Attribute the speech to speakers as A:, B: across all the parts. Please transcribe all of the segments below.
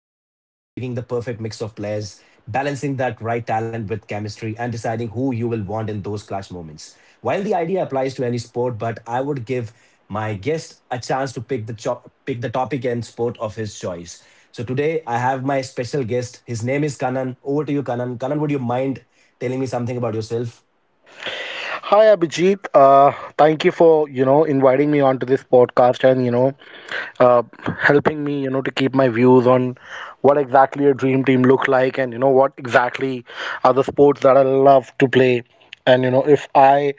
A: it at some point, picking the perfect mix of players, balancing that right talent with chemistry, and deciding who you will want in those clash moments. While the idea applies to any sport, but I would give my guest a chance to pick the pick the topic and sport of his choice. So today I have my special guest. His name is Kanan. Over to you, Kanan. Kanan, would you mind telling me something about yourself?
B: Hi Abhijit, thank you for inviting me onto this podcast and uh, helping me to keep my views on what exactly a dream team look like, and what exactly are the sports that I love to play, and if I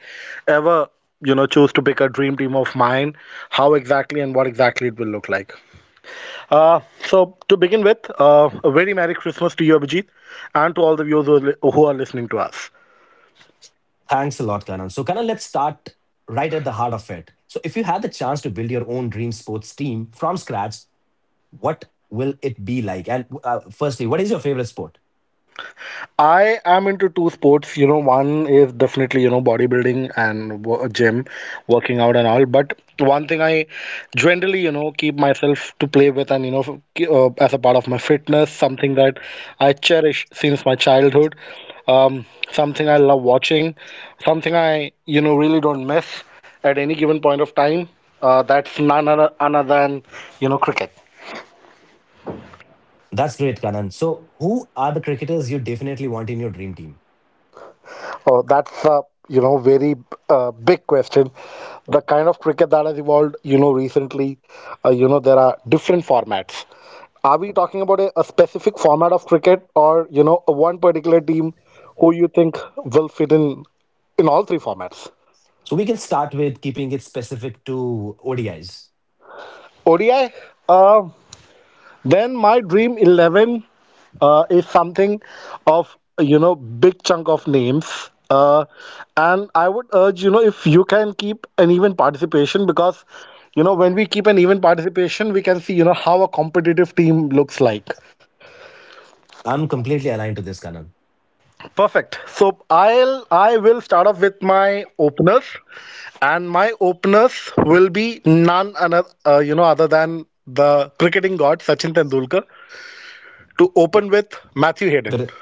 B: ever choose to pick a dream team of mine, how exactly and what exactly it will look like. So to begin with, a very merry Christmas to you Abhijit and to all the viewers who are who are listening to us.
A: Thanks a lot, Kanan. So, Kanan, let's start right at the heart of it. So, if you had the chance to build your own dream sports team from scratch, what will it be like? And firstly, what is your favorite sport?
B: I am into two sports. You know, one is definitely, you know, bodybuilding and gym, working out and all. But one thing I generally, you know, keep myself to play with and, you know, as a part of my fitness, something that I cherish since my childhood, something I love watching, something I, you know, really don't miss at any given point of time. That's none other, other than, you know, cricket.
A: That's great, Kanan. So, who are the cricketers you definitely want in your dream team?
B: Oh, that's a, very big question. The kind of cricket that has evolved, you know, recently, you know, there are different formats. Are we talking about a specific format of cricket, or you know, a one particular team who you think will fit in all three formats?
A: So, we can start with keeping it specific to ODIs.
B: ODI? Um then my dream 11 is something of, you know, big chunk of names, and I would urge, you know, if you can keep an even participation, because you know when we keep an even participation we can see you know how a competitive team looks like.
A: I'm completely aligned to this, Kanan.
B: Perfect. So I will start off with my openers, and my openers will be none another, you know, other than the cricketing god Sachin Tendulkar, to open with Matthew Hayden.
A: Correct.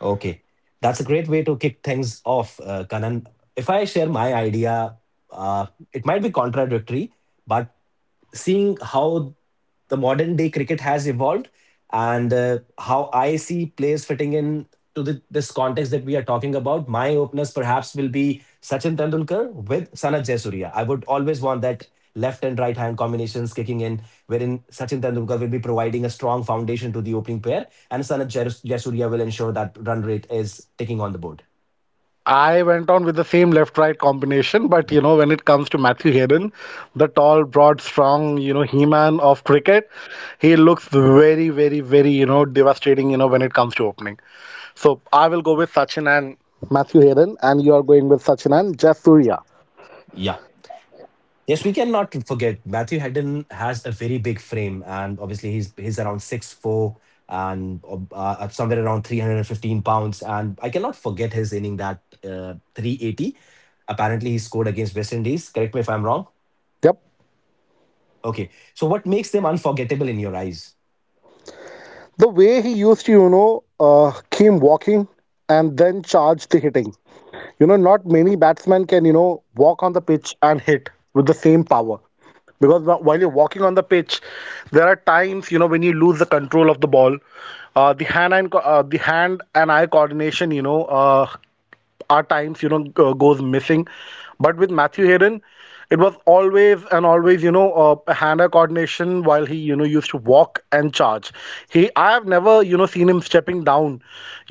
A: Okay. That's a great way to kick things off, Kanan. If I share my idea, uh, it might be contradictory, but seeing how the modern day cricket has evolved and how I see players fitting in to this context that we are talking about. My openers perhaps will be Sachin Tendulkar with Sanat Jaisuria. I would always want that left and right hand combinations kicking in, wherein Sachin Tendulkar will be providing a strong foundation to the opening pair, and Sanat will ensure that run rate is ticking on the board.
B: I went on with the same left-right combination, but you know, when it comes to Matthew Heron, the tall, broad, strong, you know, he-man of cricket, he looks very, very, very, you know, devastating, you know, when it comes to opening. So I will go with Sachin and Matthew Heron, and you are going with Sachin and Jasuria.
A: Yeah. Yes, we cannot forget Matthew Hedden has a very big frame, and obviously he's around 6'4" and somewhere around 315 pounds. And I cannot forget his inning that 380. Apparently, he scored against West Indies. Correct me if I'm wrong.
B: Yep.
A: Okay, so what makes them unforgettable in your eyes?
B: The way he used to, you know, came walking and then charge the hitting. You know, not many batsmen can, you know, walk on the pitch and hit with the same power. Because while you're walking on the pitch, there are times, you know, when you lose the control of the ball, the hand and the hand and eye coordination, you know, our times you know goes missing. But with Matthew Heron, it was always and always, you know, a hand-eye coordination while he, you know, used to walk and charge. He i have never, you know, seen him stepping down,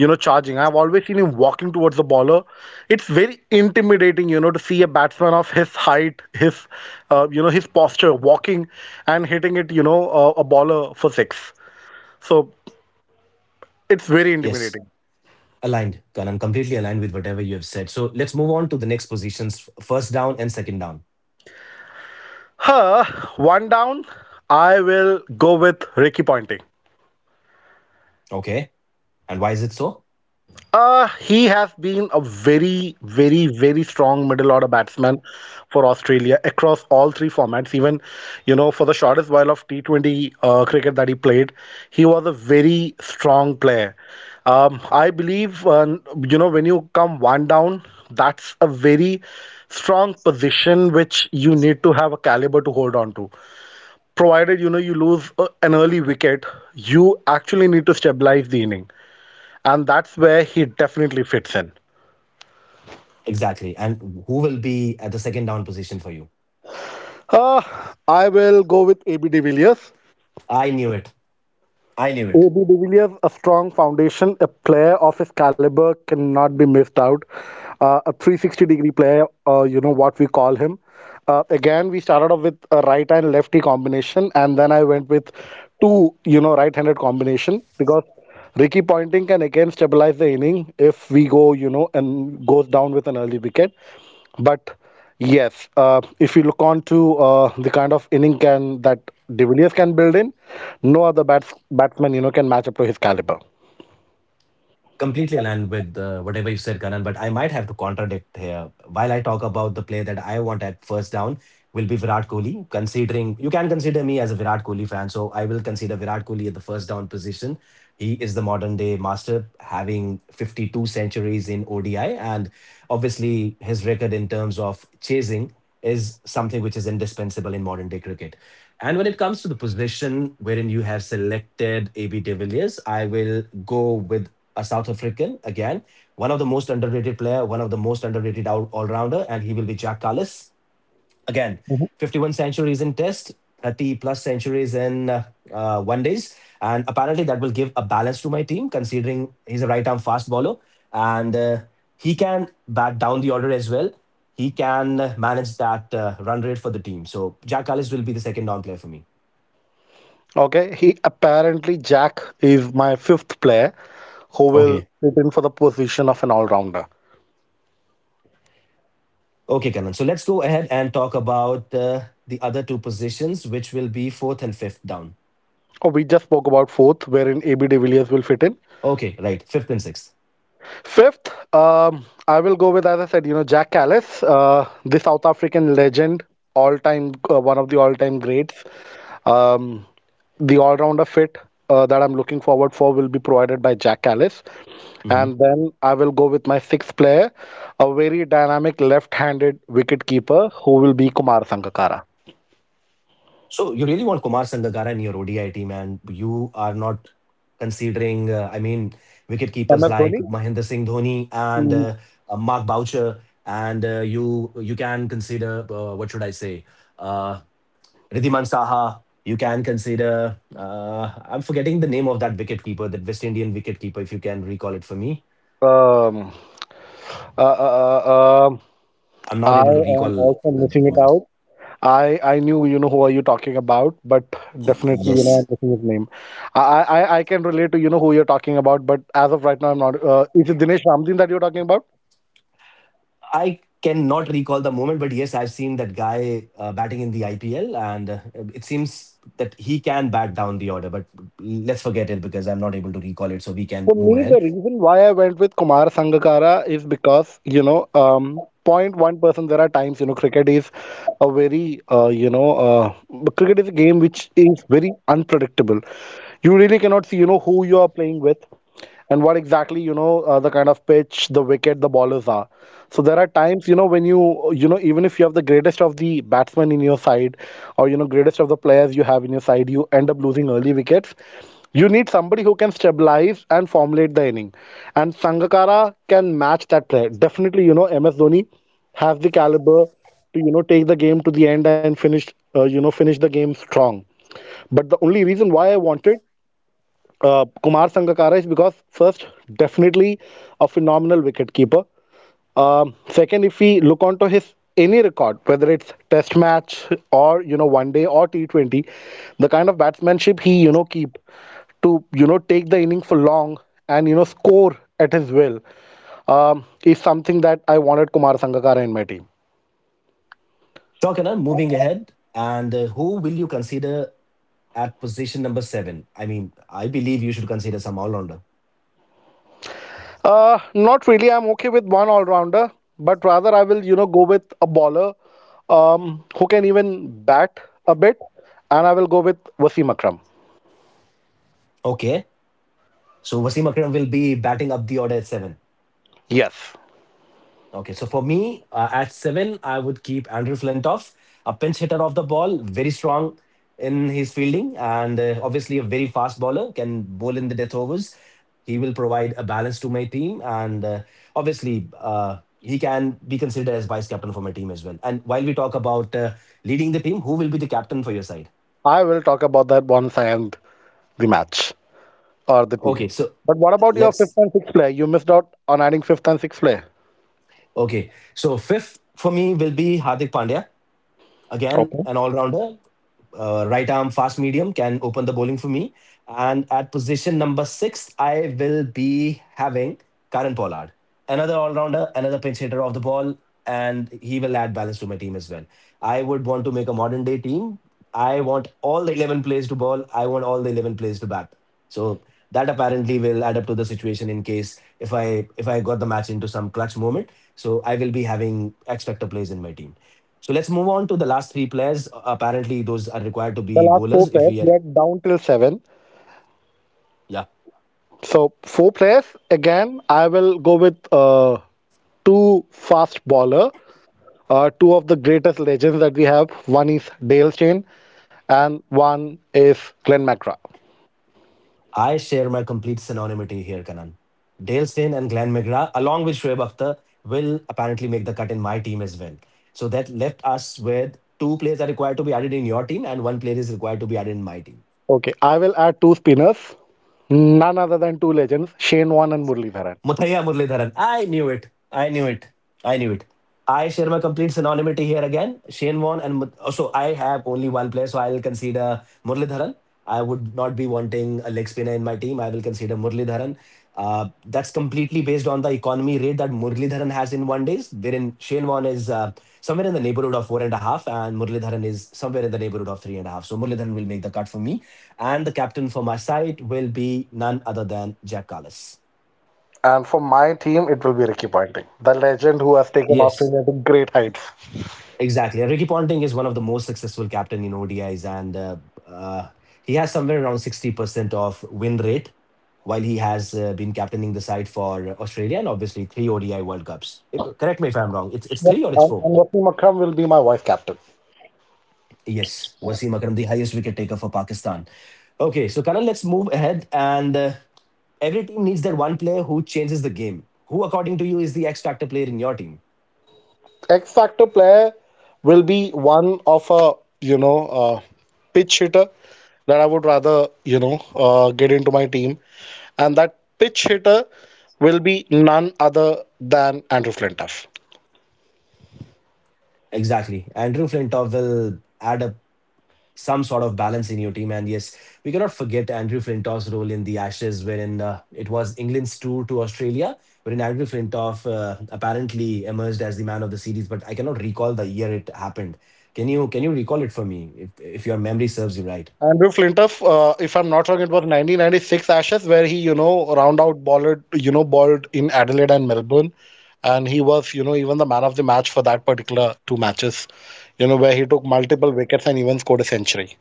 B: you know, charging. I've always seen him walking towards the baller. It's very intimidating, you know, to see a batsman of his height, his, you know, his posture, walking and hitting it, you know, a baller for six. So it's very
A: Yes,
B: intimidating.
A: aligned, Karan, completely aligned with whatever you have said. So let's move on to the next positions: first down and second down.
B: Huh, one down. I will go with Ricky Ponting.
A: Okay, and why is it so?
B: He has been a very, very, very strong middle order batsman for Australia across all three formats. Even, you know, for the shortest while of T20 cricket that he played, he was a very strong player. I believe, you know, when you come one down, that's a very strong position which you need to have a caliber to hold on to. Provided you know you lose an early wicket, you actually need to stabilize the inning, and that's where he definitely fits in.
A: Exactly, and who will be at the second down position for you?
B: Uh, I will go with AB de Villiers.
A: I knew it. I knew it.
B: AB de Villiers, a strong foundation, a player of his caliber cannot be missed out. A 360 degree player, you know, what we call him. Again, we started off with a right and lefty combination, and then I went with two, you know, right handed combination, because Ricky Ponting can again stabilize the inning if we go, you know, and goes down with an early wicket. But yes, if you look on to the kind of inning can that De Villiers can build in, no other batsman, you know, can match up to his caliber.
A: Completely aligned with whatever you said, Karan, but I might have to contradict here. While I talk about the play that I want at first down, will be Virat Kohli. Considering you can consider me as a Virat Kohli fan, so I will consider Virat Kohli at the first down position. He is the modern day master, having 52 centuries in ODI, and obviously his record in terms of chasing is something which is indispensable in modern day cricket. And when it comes to the position wherein you have selected AB de Villiers, I will go with a South African again, one of the most underrated player, one of the most underrated all-rounder, and he will be Jack Callis again.
B: Mhm.
A: 51 centuries in Test, 30 plus centuries in one days, and apparently that will give a balance to my team, considering he's a right-arm fast bowler and he can bat down the order as well. He can manage that run rate for the team. So Jack Callis will be the second down player for me.
B: Okay, he apparently Jack is my fifth player who will
A: Okay.
B: fit in for the position of an all-rounder.
A: Okay, Kannan. So let's go ahead and talk about the other two positions, which will be fourth and fifth down.
B: Oh, we just spoke about fourth, wherein AB de Villiers will fit in.
A: Okay, right. Fifth and 6th.
B: Fifth, I will go with, as I said, you know, Jack Callis, the South African legend, all time, one of the all time greats. Um, the all rounder fit that I'm looking forward for will be provided by Jack Callis.
A: hmm
B: And then I will go with my sixth player, a very dynamic left handed wicket keeper who will be Kumar Sangakkara.
A: So you really want Kumar Sangakkara in your ODI team, and you are not considering, wicket keepers
B: MS
A: like
B: Dhoni.
A: Mahendra Singh Dhoni and
B: Mm.
A: Mark Boucher, and you can consider what should I say, uh, Riddhiman Saha. You can consider. I'm forgetting the name of that wicket keeper, that West Indian wicket keeper. If you can recall it for me.
B: Um, uh, uh, uh, um,
A: I'm not
B: I
A: able to
B: am
A: recall
B: also
A: him at the
B: missing it
A: moment.
B: out. I knew, you know, who are you talking about, but definitely, you know, I'm
A: Yes.
B: missing his name. I can relate to, you know, who you're talking about, but as of right now I'm not. Is it Dinesh Ramdeen that you're talking about?
A: I cannot recall the moment, but yes, I've seen that guy batting in the IPL, and it seems that he can bat down the order. But let's forget it because I'm not able to recall it, so we can
B: For
A: move
B: me,
A: ahead.
B: the reason why I went with Kumar Sangakkara is because you know point one person, there are times you know cricket is a very, you know, cricket is a game which is very unpredictable. You really cannot see, you know, who you are playing with, and what exactly, you know, the kind of pitch, the wicket, the bowlers are. So there are times, you know, when you know, even if you have the greatest of the batsmen in your side, or you know greatest of the players you have in your side, you end up losing early wickets. You need somebody who can stabilize and formulate the inning, and Sangakkara can match that player. Definitely, you know, MS Dhoni has the caliber to, you know, take the game to the end and finish, you know, finish the game strong. But the only reason why I wanted, Kumar Sangakkara is because first, definitely, a phenomenal wicketkeeper. Second, if we look onto his any record, whether it's Test match or, you know, One Day or T20, the kind of batsmanship he, you know, keep to, you know, take the inning for long and, you know, score at his will, is something that I wanted Kumar Sangakkara in my team.
A: Shokana, moving ahead, and who will you consider at position number seven? I mean, I believe you should consider some all rounder.
B: Not really. I'm okay with one all-rounder, but rather I will, you know, go with a bowler, who can even bat a bit, and I will go with Wasim Akram.
A: Okay, so Wasim Akram will be batting up the order at seven.
B: Yes.
A: Okay, so for me, at seven, I would keep Andrew Flintoff, a pinch hitter off the ball, very strong in his fielding, and obviously a very fast bowler, can bowl in the death overs. He will provide a balance to my team, and obviously, he can be considered as vice captain for my team as well. And while we talk about leading the team, who will be the captain for your side?
B: I will talk about that once I end the match or the team.
A: Okay, so
B: But what about your fifth
A: let's.
B: and sixth player? You missed out on adding fifth and sixth player.
A: Okay, so fifth for me will be Hardik Pandya. Again,
B: Okay.
A: an all rounder. Right arm fast medium can open the bowling for me. And at position number six, I will be having Karan Pollard, another all rounder, another pinch hitter off the ball, and he will add balance to my team as well. I would want to make a modern day team. I want all the 11 players to bowl. I want all the 11 players to bat. So that apparently will add up to the situation in case if I got the match into some clutch moment. So I will be having X Factor plays in my team. So let's move on to the last three players. Apparently, those are required to
B: The
A: be
B: last
A: bowlers
B: four
A: if
B: players,
A: we are.
B: we are down till seven.
A: Yeah.
B: So four players again. I will go with two fast bowler, two of the greatest legends that we have. One is Dale Steyn and one is Glenn McGrath.
A: I share my complete synonymity here, Kanan. Dale Steyn and Glenn McGrath, along with Shoaib Akhtar, will apparently make the cut in my team as well. So that left us with two players are required to be added in your team and one player is required to be added in my team.
B: Okay, I will add two spinners, none other than two legends, Shane Warne and Murali Dharan.
A: Muthaiya Muralidharan. I knew it. I knew it. I knew it. I share my complete synonymity here again. Shane Warne and oh, so I have only one player, so I'll consider Muralidharan. I would not be wanting a leg spinner in my team. I will consider Muralidharan. That's completely based on the economy rate that Muralidharan has in one days, wherein Shane Warne is somewhere in the neighborhood of four and a half, and Muralidharan is somewhere in the neighborhood of three and a half. So Muralidharan will make the cut for me, and the captain for my side will be none other than Jack Carlos.
B: And for my team, it will be Ricky Ponting, the legend who has taken
A: Yes.
B: Australia to great heights.
A: Exactly. Ricky Ponting is one of the most successful captain in ODIs, and uh, he has somewhere around 60% of win rate while he has been captaining the side for Australia and obviously three ODI World Cups. Correct me if I'm wrong. It's
B: Yep,
A: three or it's
B: and,
A: four?
B: and Wasim Akram will be my vice captain.
A: Yes. Wasim Akram, the highest wicket taker for Pakistan. Okay, so Karan, let's move ahead. And every team needs that one player who changes the game. Who, according to you, is the X factor player in your team?
B: X factor player will be one of a, you know uh, pitch hitter that I would rather, get into my team, and that pitch hitter will be none other than Andrew Flintoff.
A: Exactly. Andrew Flintoff will add a some sort of balance in your team. And yes, we cannot forget Andrew Flintoff's role in the Ashes, wherein it was England's tour to Australia, wherein Andrew Flintoff apparently emerged as the man of the series. But I cannot recall the year it happened. Can you recall it for me if your memory serves you right?
B: Andrew Flintoff, if I'm not wrong, it was 1996 Ashes where he, you know, round out balled, you know, balled in Adelaide and Melbourne, and he was, you know, even the man of the match for that particular two matches, you know, where he took multiple wickets and even scored a century.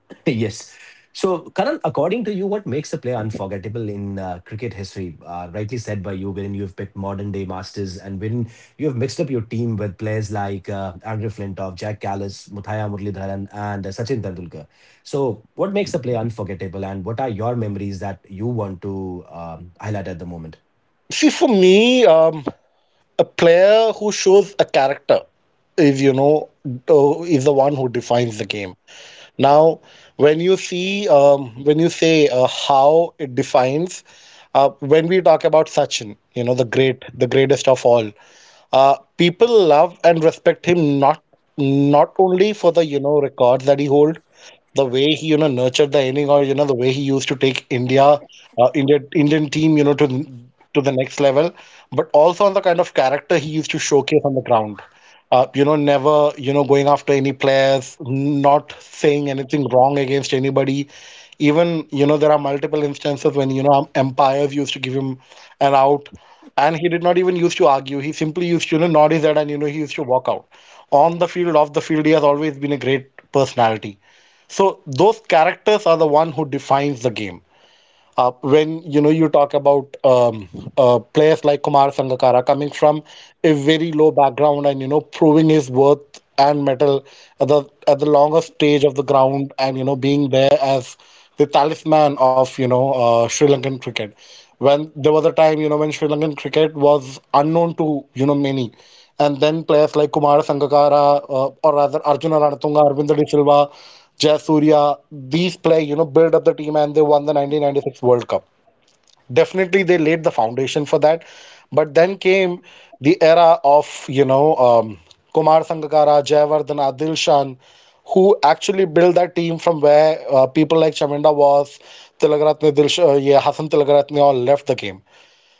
A: yes. So, Karan, according to you, what makes a player unforgettable in cricket history? Rightly said by you, wherein you've picked modern day masters and wherein you've mixed up your team with players like Andrew Flintoff, Jack Callis, Muthaya Muralidharan, and Sachin Tendulkar. So, what makes a player unforgettable, and what are your memories that you want to highlight at the moment?
B: See, for me, a player who shows a character, if you know, is the one who defines the game. Now, when you see, when you say how it defines, when we talk about Sachin, you know, the greatest of all, people love and respect him not only for the you know records that he hold, the way he you know nurtured the inning, or you know the way he used to take Indian team you know to the next level, but also on the kind of character he used to showcase on the ground. You know, never you know going after any players, not saying anything wrong against anybody. Even you know there are multiple instances when you know umpires used to give him an out, and he did not even used to argue. He simply used to you know nod his head, and you know he used to walk out. On the field, off the field, he has always been a great personality. So those characters are the one who defines the game. When you know you talk about players like Kumar Sangakkara coming from a very low background and you know proving his worth and metal at the longest stage of the ground, and you know being there as the talisman of you know Sri Lankan cricket. When there was a time you know when Sri Lankan cricket was unknown to you know many, and then players like Kumar Sangakkara, or rather Arjuna Ranatunga, Arvinder De Silva, Jayasurya, you know, build up the team, and they won the 1996 World Cup. Definitely they laid the foundation for that. But then came the era of, you know, Kumar Sangakkara, Jayawardhan, Adil Shan, who actually built that team from where people like Chaminda was, Tilakratne, yeah, Hassan Tilakratne all left the game.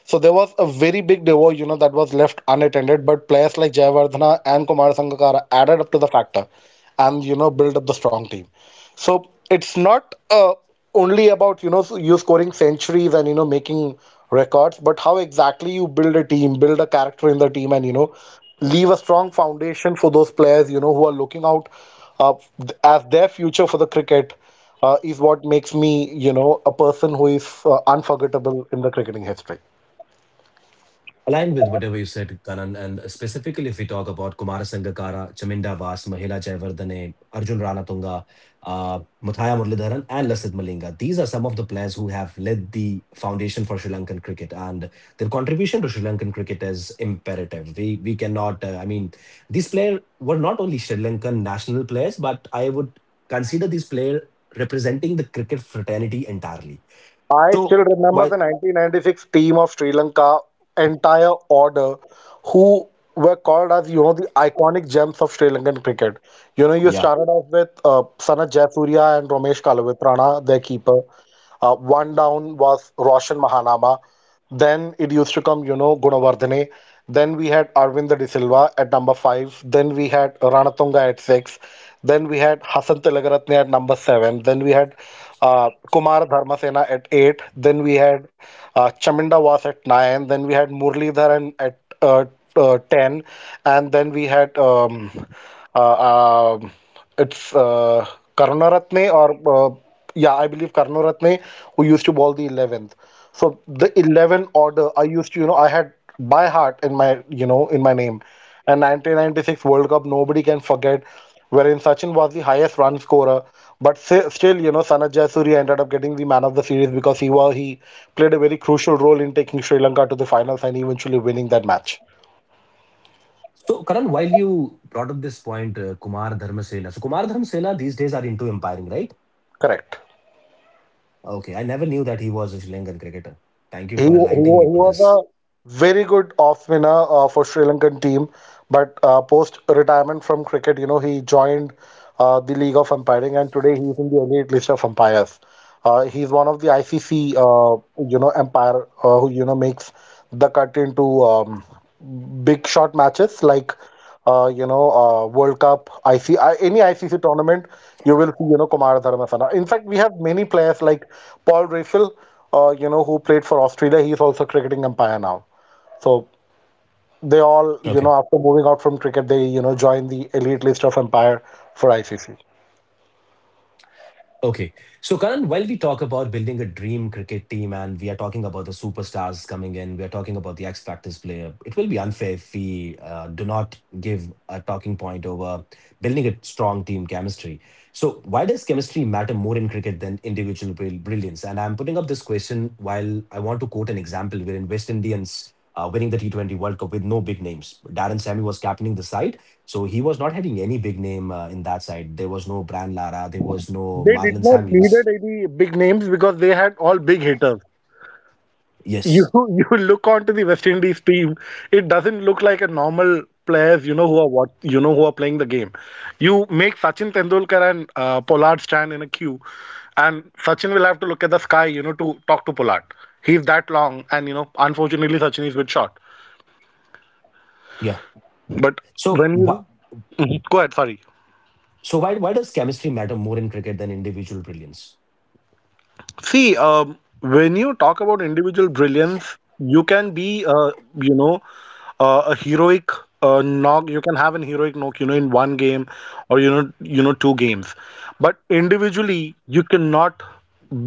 B: So there was a very big devour, you know, that was left unattended, but players like Jayavardhana and Kumar Sangakkara added up to the factor and, you know, built up the strong team. So it's not only about, you know, you scoring centuries and, you know, making records, but how exactly you build a team, build a character in the team, and, you know, leave a strong foundation for those players, you know, who are looking out uh, as their future for the cricket is what makes me, you know, a person who is unforgettable in the cricketing history.
A: Aligned with whatever you said, Karan, and specifically if we talk about Kumara Sangakkara, Chaminda Vas, Mahila Jayawardene, Arjun Ranatunga, Muthaya Muralidharan, and Lasith Malinga. These are some of the players who have led the foundation for Sri Lankan cricket, and their contribution to Sri Lankan cricket is imperative. We cannot. I mean, these players were not only Sri Lankan national players, but I would consider these players representing the cricket fraternity entirely.
B: I
A: So
B: still
A: why?
B: remember the 1996 team of Sri Lanka, entire order, who were called as, you know, the iconic gems of Sri Lankan cricket. You know, you
A: Yeah.
B: started off with Sanat Jayasurya and Ramesh Kalavitrana, their keeper. One down was Roshan Mahanama. Then it used to come, you know, Gunawardene. Then we had Arvind De Silva at number five. Then we had Ranatunga at six. Then we had Hassan Tilagaratne at number seven. Then we had Kumar Dharmasena at eight. Then we had Chaminda was at nine. Then we had Murli Dharan at 10, and then we had uh, uh, it's Karunaratne, or yeah, I believe Karnoratne, who used to bowl the 11th. So the 11 order, I used to, you know, I had by heart in my, you know, in my name. And 1996 World Cup, nobody can forget, wherein Sachin was the highest run scorer. But you know, Sanat Jayasuriya ended up getting the man of the series because he played a very crucial role in taking Sri Lanka to the finals and eventually winning that match.
A: So, Karan, while you brought up this point, Kumar Dharmasena. So, Kumar Dharmasena these days are into umpiring, right?
B: Correct.
A: Okay, I never knew that he was a Sri Lankan cricketer. Thank you for enlightening me on
B: He was
A: this.
B: a very good off spinner for Sri Lankan team, but post retirement from cricket, you know, he joined the League of Umpiring, and today he's in the elite list of umpires. He's one of the ICC, you know, umpire who you know makes the cut into big shot matches like World Cup, IC, any ICC tournament, you will see, you know, Kumar Dharmasala. In fact, we have many players like Paul Rafel, you know, who played for Australia. He's also a cricketing umpire now. So they all,
A: Okay.
B: you know, after moving out from cricket, they, you know, joined the elite list of umpire for ICC.
A: Okay. So, Karan, while we talk about building a dream cricket team and we are talking about the superstars coming in, we are talking about the X Factors player, it will be unfair if we do not give a talking point over building a strong team chemistry. So, why does chemistry matter more in cricket than individual brilliance? And I'm putting up this question while I want to quote an example wherein West Indians. Winning the T20 World Cup with no big names. Darren Sammy was captaining the side, so he was not having any big name in that side. There was no Bran Lara. There was no
B: They
A: Marlon
B: did not
A: Samuels.
B: needed any big names because they had all big hitters.
A: Yes.
B: You you look onto the West Indies team, it doesn't look like a normal players, you know, who are what you know who are playing the game. You make Sachin Tendulkar and Pollard stand in a queue, and Sachin will have to look at the sky, you know, to talk to Pollard. He's that long, and you know, unfortunately, Sachin is with shot.
A: Yeah.
B: But
A: So
B: when
A: what?
B: you mhm, go ahead, sorry.
A: So why does chemistry matter more in cricket than individual brilliance?
B: See, when you talk about individual brilliance, you can be, you know, a heroic knock. You can have an heroic knock, you know, in one game, or you know, two games. But individually, you cannot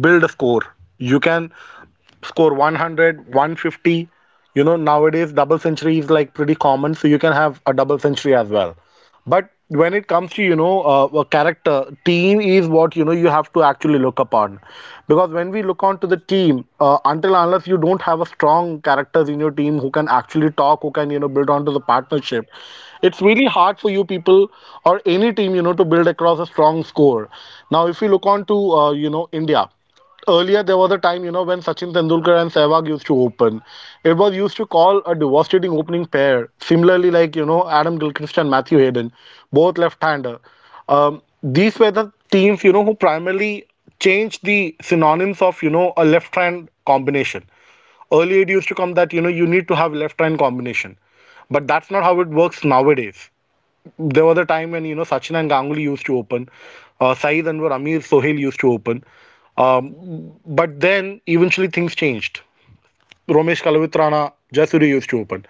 B: build a score. You can score 100, 150. You know, nowadays double century is like pretty common, so you can have a double century as well. But when it comes to, you know, a character, team is what, you know, you have to actually look upon. Because when we look onto the team, until unless you don't have a strong characters in your team who can actually talk, who can, you know, build onto the partnership, it's really hard for you people or any team, you know, to build across a strong score. Now, if you look on to, you know, India, earlier there was a time you know when Sachin Tendulkar and Sehwag used to open. It was used to call a devastating opening pair, similarly like you know Adam Gilchrist and Matthew Hayden, both left-hander. These were the teams you know who primarily changed the synonyms of you know a left-hand combination. Earlier it used to come that you know you need to have left-hand combination, but that's not how it works nowadays. There was a time when you know Sachin and Ganguly used to open, Saeed Anwar, Amir Sohail used to open. Uh, but then eventually things changed. Romesh Kalavitrana, Jasuri used to open.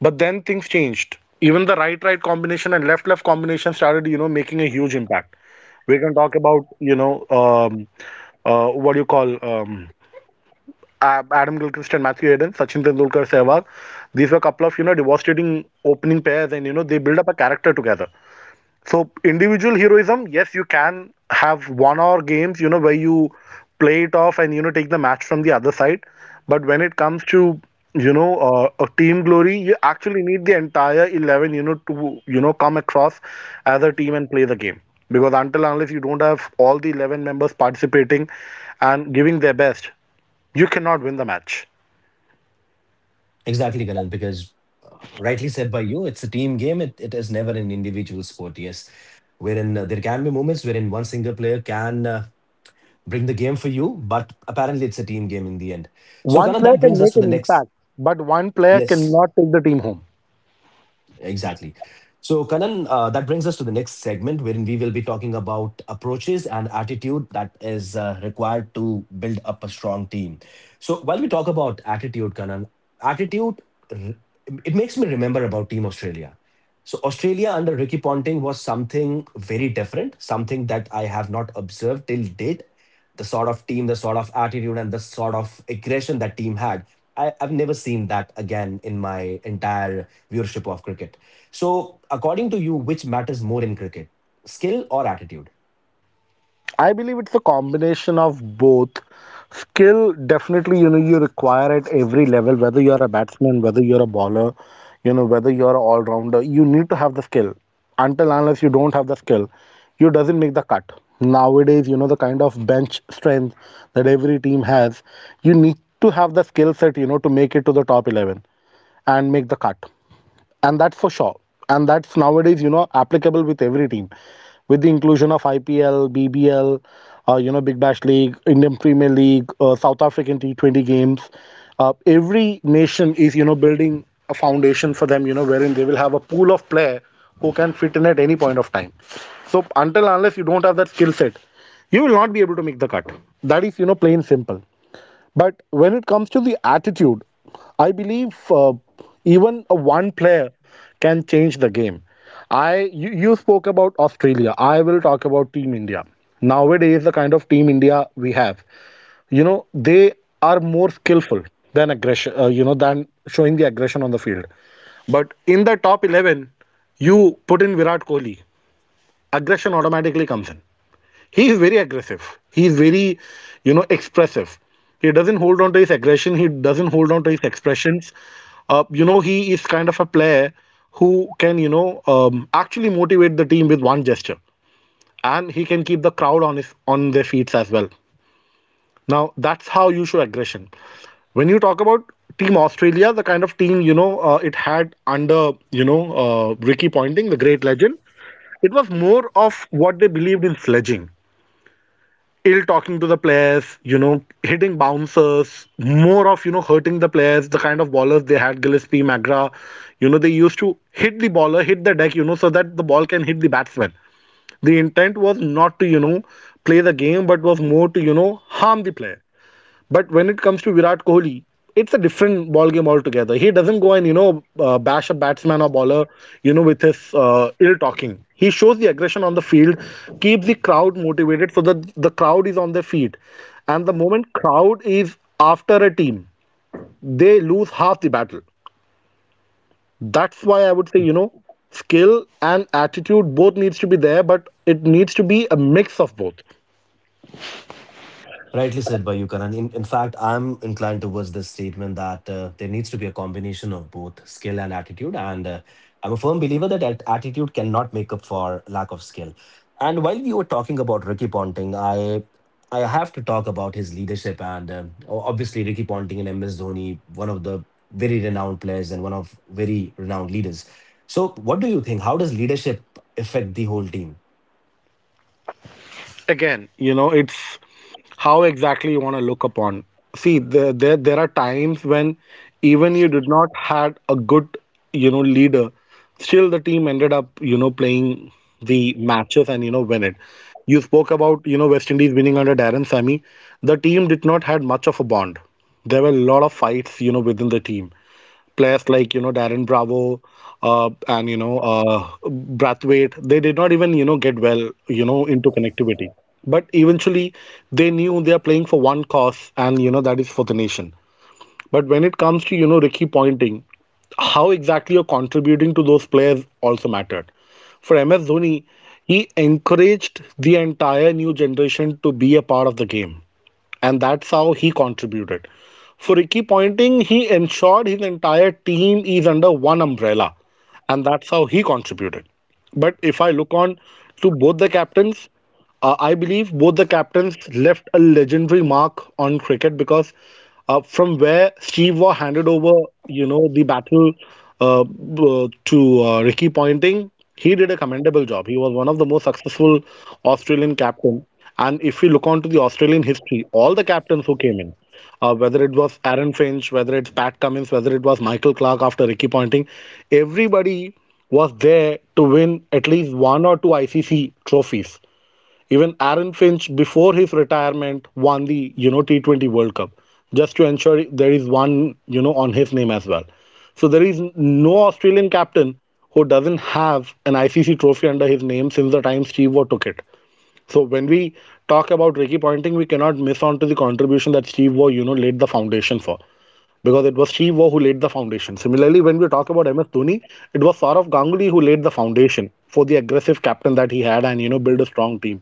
B: But then things changed. Even the right-right combination and left-left combination started, you know, making a huge impact. We can talk about, you know, what do you call A- Adam Gilchrist and Matthew Hayden, Sachin Tendulkar, Sehwag. These were a couple of, you know, devastating opening pairs, and you know, they build up a character together. So individual heroism, yes, you can have one-hour games, you know, where you play it off and you know take the match from the other side. But when it comes to you know a team glory, you actually need the entire 11, you know, to you know come across as a team and play the game. Because until and unless you don't have all the 11 members participating and giving their best, you cannot win the match.
A: Exactly, Kanan. Because rightly said by you, it's a team game. It is never an individual sport. Yes, wherein there can be moments wherein one single player can bring the game for you, but apparently it's a team game in the end. So Kanan, that
B: One
A: brings
B: player
A: us to
B: can
A: the
B: make an
A: next.
B: impact, but one player
A: Yes.
B: cannot take the team home.
A: Exactly. So, Kanan, that brings us to the next segment wherein we will be talking about approaches and attitude that is required to build up a strong team. So, while we talk about attitude, Kanan, attitude, r- it makes me remember about Team Australia. So, Australia under Ricky Ponting was something very different, something that I have not observed till date. The sort of team, the sort of attitude, and the sort of aggression that team had. I've never seen that again in my entire viewership of cricket. So, according to you, which matters more in cricket, skill or attitude?
B: I believe it's a combination of both. Skill, definitely, you know, you require at every level, whether you're a batsman, whether you're a bowler, you know, whether you're an all rounder, you need to have the skill. Until unless you don't have the skill, you doesn't make the cut. Nowadays, you know, the kind of bench strength that every team has, you need to have the skill set, you know, to make it to the top 11 and make the cut, and that's for sure, and that's nowadays you know applicable with every team with the inclusion of IPL, BBL, you know, Big Bash League, Indian Premier League, South African T20 games. Every nation is, you know, building a foundation for them, you know, wherein they will have a pool of player who can fit in at any point of time. So until unless you don't have that skill set, you will not be able to make the cut. That is, you know, plain simple. But when it comes to the attitude, I believe even a one player can change the game. You spoke about Australia. I will talk about Team India. Nowadays, the kind of Team India we have, you know, they are more skillful than aggression. You know, than showing the aggression on the field. But in the top 11, you put in Virat Kohli, aggression automatically comes in. He is very aggressive, he is very you know expressive. He doesn't hold on to his aggression, he doesn't hold on to his expressions. You know, he is kind of a player who can you know actually motivate the team with one gesture, and he can keep the crowd on his on their feet as well. Now, that's how you show aggression. When you talk about team Australia, the kind of team you know it had under you know Ricky Ponting, the great legend, it was more of what they believed in sledging, ill talking to the players, you know, hitting bouncers, more of, you know, hurting the players, the kind of ballers they had, Gillespie, Magra, you know, they used to hit the baller, hit the deck, you know, so that the ball can hit the batsman. The intent was not to, you know, play the game, but was more to, you know, harm the player. But when it comes to Virat Kohli, it's a different ball game altogether. He doesn't go and bash a batsman or bowler, with his ill talking. He shows the aggression on the field, keeps the crowd motivated so that the crowd is on their feet. And the moment crowd is after a team, they lose half the battle. That's why I would say skill and attitude both needs to be there, but it needs to be a mix of both.
A: Rightly said by you, Karan. In fact, I'm inclined towards this statement that there needs to be a combination of both skill and attitude. And I'm a firm believer that attitude cannot make up for lack of skill. And while you were talking about Ricky Ponting, I have to talk about his leadership. And obviously, Ricky Ponting and MS Dhoni, one of the very renowned players and one of very renowned leaders. So, what do you think? How does leadership affect the whole team?
B: Again, it's how exactly you want to look upon. See there are times when even you did not had a good leader, still the team ended up playing the matches and win it. You spoke about West Indies winning under Darren Sammy. The team did not had much of a bond. There were a lot of fights, within the team, players like Darren Bravo and Brathwaite. They did not even get well into connectivity, but eventually they knew they are playing for one cause, and that is for the nation. But when it comes to, Ricky pointing, how exactly you're contributing to those players also mattered. For MS Dhoni, he encouraged the entire new generation to be a part of the game. And that's how he contributed. For Ricky Pointing, he ensured his entire team is under one umbrella. And that's how he contributed. But if I look on to both the captains, I believe both the captains left a legendary mark on cricket because from where Steve Waugh handed over, the battle to Ricky Ponting, he did a commendable job. He was one of the most successful Australian captain. And if we look onto the Australian history, all the captains who came in, whether it was Aaron Finch, whether it's Pat Cummins, whether it was Michael Clark after Ricky Ponting, everybody was there to win at least one or two ICC trophies. Even Aaron Finch, before his retirement, won the T20 World Cup just to ensure there is one on his name as well. So there is no Australian captain who doesn't have an ICC trophy under his name since the time Steve Waugh took it. So when we talk about Ricky Ponting, we cannot miss on to the contribution that Steve Waugh laid the foundation for, because it was Steve Waugh who laid the foundation. Similarly, when we talk about MS Dhoni, it was Saurav Ganguly who laid the foundation for the aggressive captain that he had and build a strong team,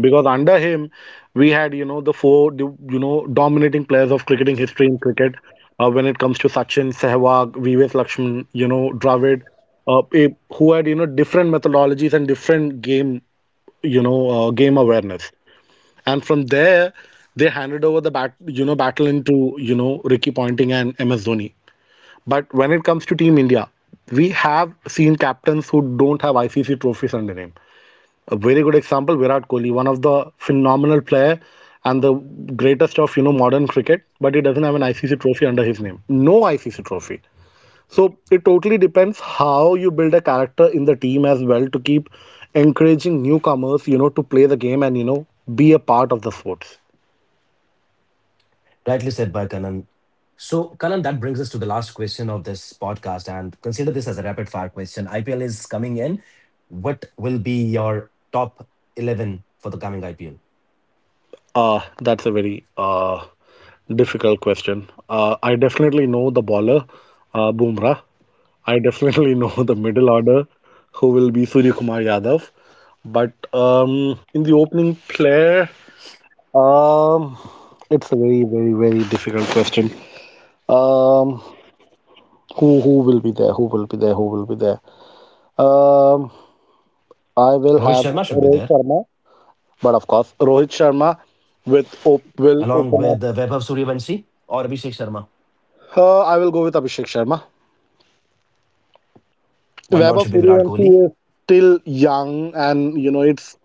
B: because under him we had the four dominating players of cricketing history in cricket when it comes to Sachin, Sehwag, VVS Lakshman, Dravid, who had different methodologies and different game, game awareness, and from there they handed over the bat battle into Ricky Ponting and MS Dhoni. But when it comes to Team India, we have seen captains who don't have ICC trophies under name. A very good example, Virat Kohli, one of the phenomenal player and the greatest of modern cricket, but he doesn't have an ICC trophy under his name. No ICC trophy. So it totally depends how you build a character in the team as well to keep encouraging newcomers, to play the game and be a part of the sports.
A: Rightly said by Kanan. So, Kanan, that brings us to the last question of this podcast. And consider this as a rapid fire question. IPL is coming in. What will be your top 11 for the coming IPL?
B: That's a very difficult question. I definitely know the bowler, Bumrah. I definitely know the middle order, who will be Surya Kumar Yadav. But in the opening play, um, it's a very, very, very difficult question. Um, who will be there? Who will be there? Who will be there? Um,
A: Rohit
B: I
A: Sharma
B: will
A: should be
B: have
A: there,
B: Rohit Sharma, but of course, Rohit Sharma with op
A: along
B: will
A: with
B: open
A: Vaibhav
B: up.
A: Suryavanshi or Abhishek Sharma.
B: I will go with Abhishek Sharma.
A: One down should be Virat
B: Vaibhav
A: Kohli,
B: Suryavanshi is still young, and you know it's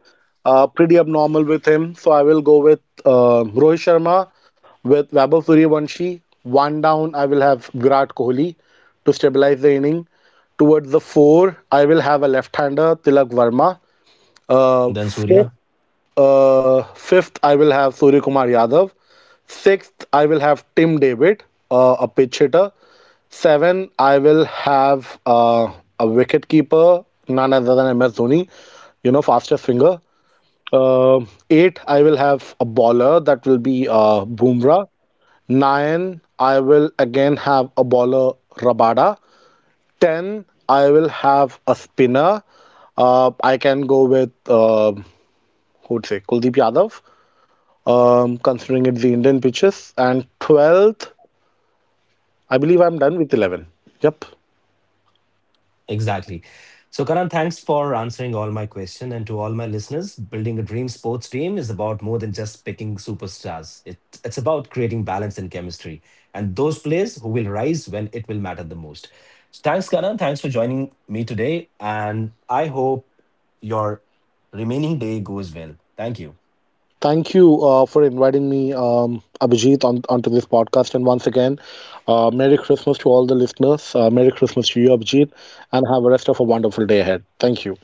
B: pretty abnormal with him. So I will go with Rohit Sharma, with Vaibhav Suryavanshi. One down, I will have Virat Kohli to stabilize the inning. Towards the four, I will have a left-hander, Tilak Varma.
A: then
B: Uh,
A: Surya.
B: fifth, uh, fifth, I will have Surya Kumar Yadav. Sixth, I will have Tim David, a pitch hitter. Seven, I will have a wicket keeper, none other than MS Dhoni, you know, fastest finger. Uh, Eight, I will have a bowler that will be Bumrah. Nine, I will again have a bowler Rabada. Ten, I will have a spinner. I can go with who would say Kuldeep Yadav, considering it's the Indian pitches. And 12th, I believe I'm done with 11. Yep.
A: Exactly. So, Karan, thanks for answering all my questions. And to all my listeners, building a dream sports team is about more than just picking superstars. It's about creating balance and chemistry, and those players who will rise when it will matter the most. Thanks, Karan. Thanks for joining me today, and I hope your remaining day goes well. Thank you.
B: Thank you for inviting me, Abhijit, onto this podcast. And once again, Merry Christmas to all the listeners. Merry Christmas to you, Abhijit, and have a rest of a wonderful day ahead. Thank you.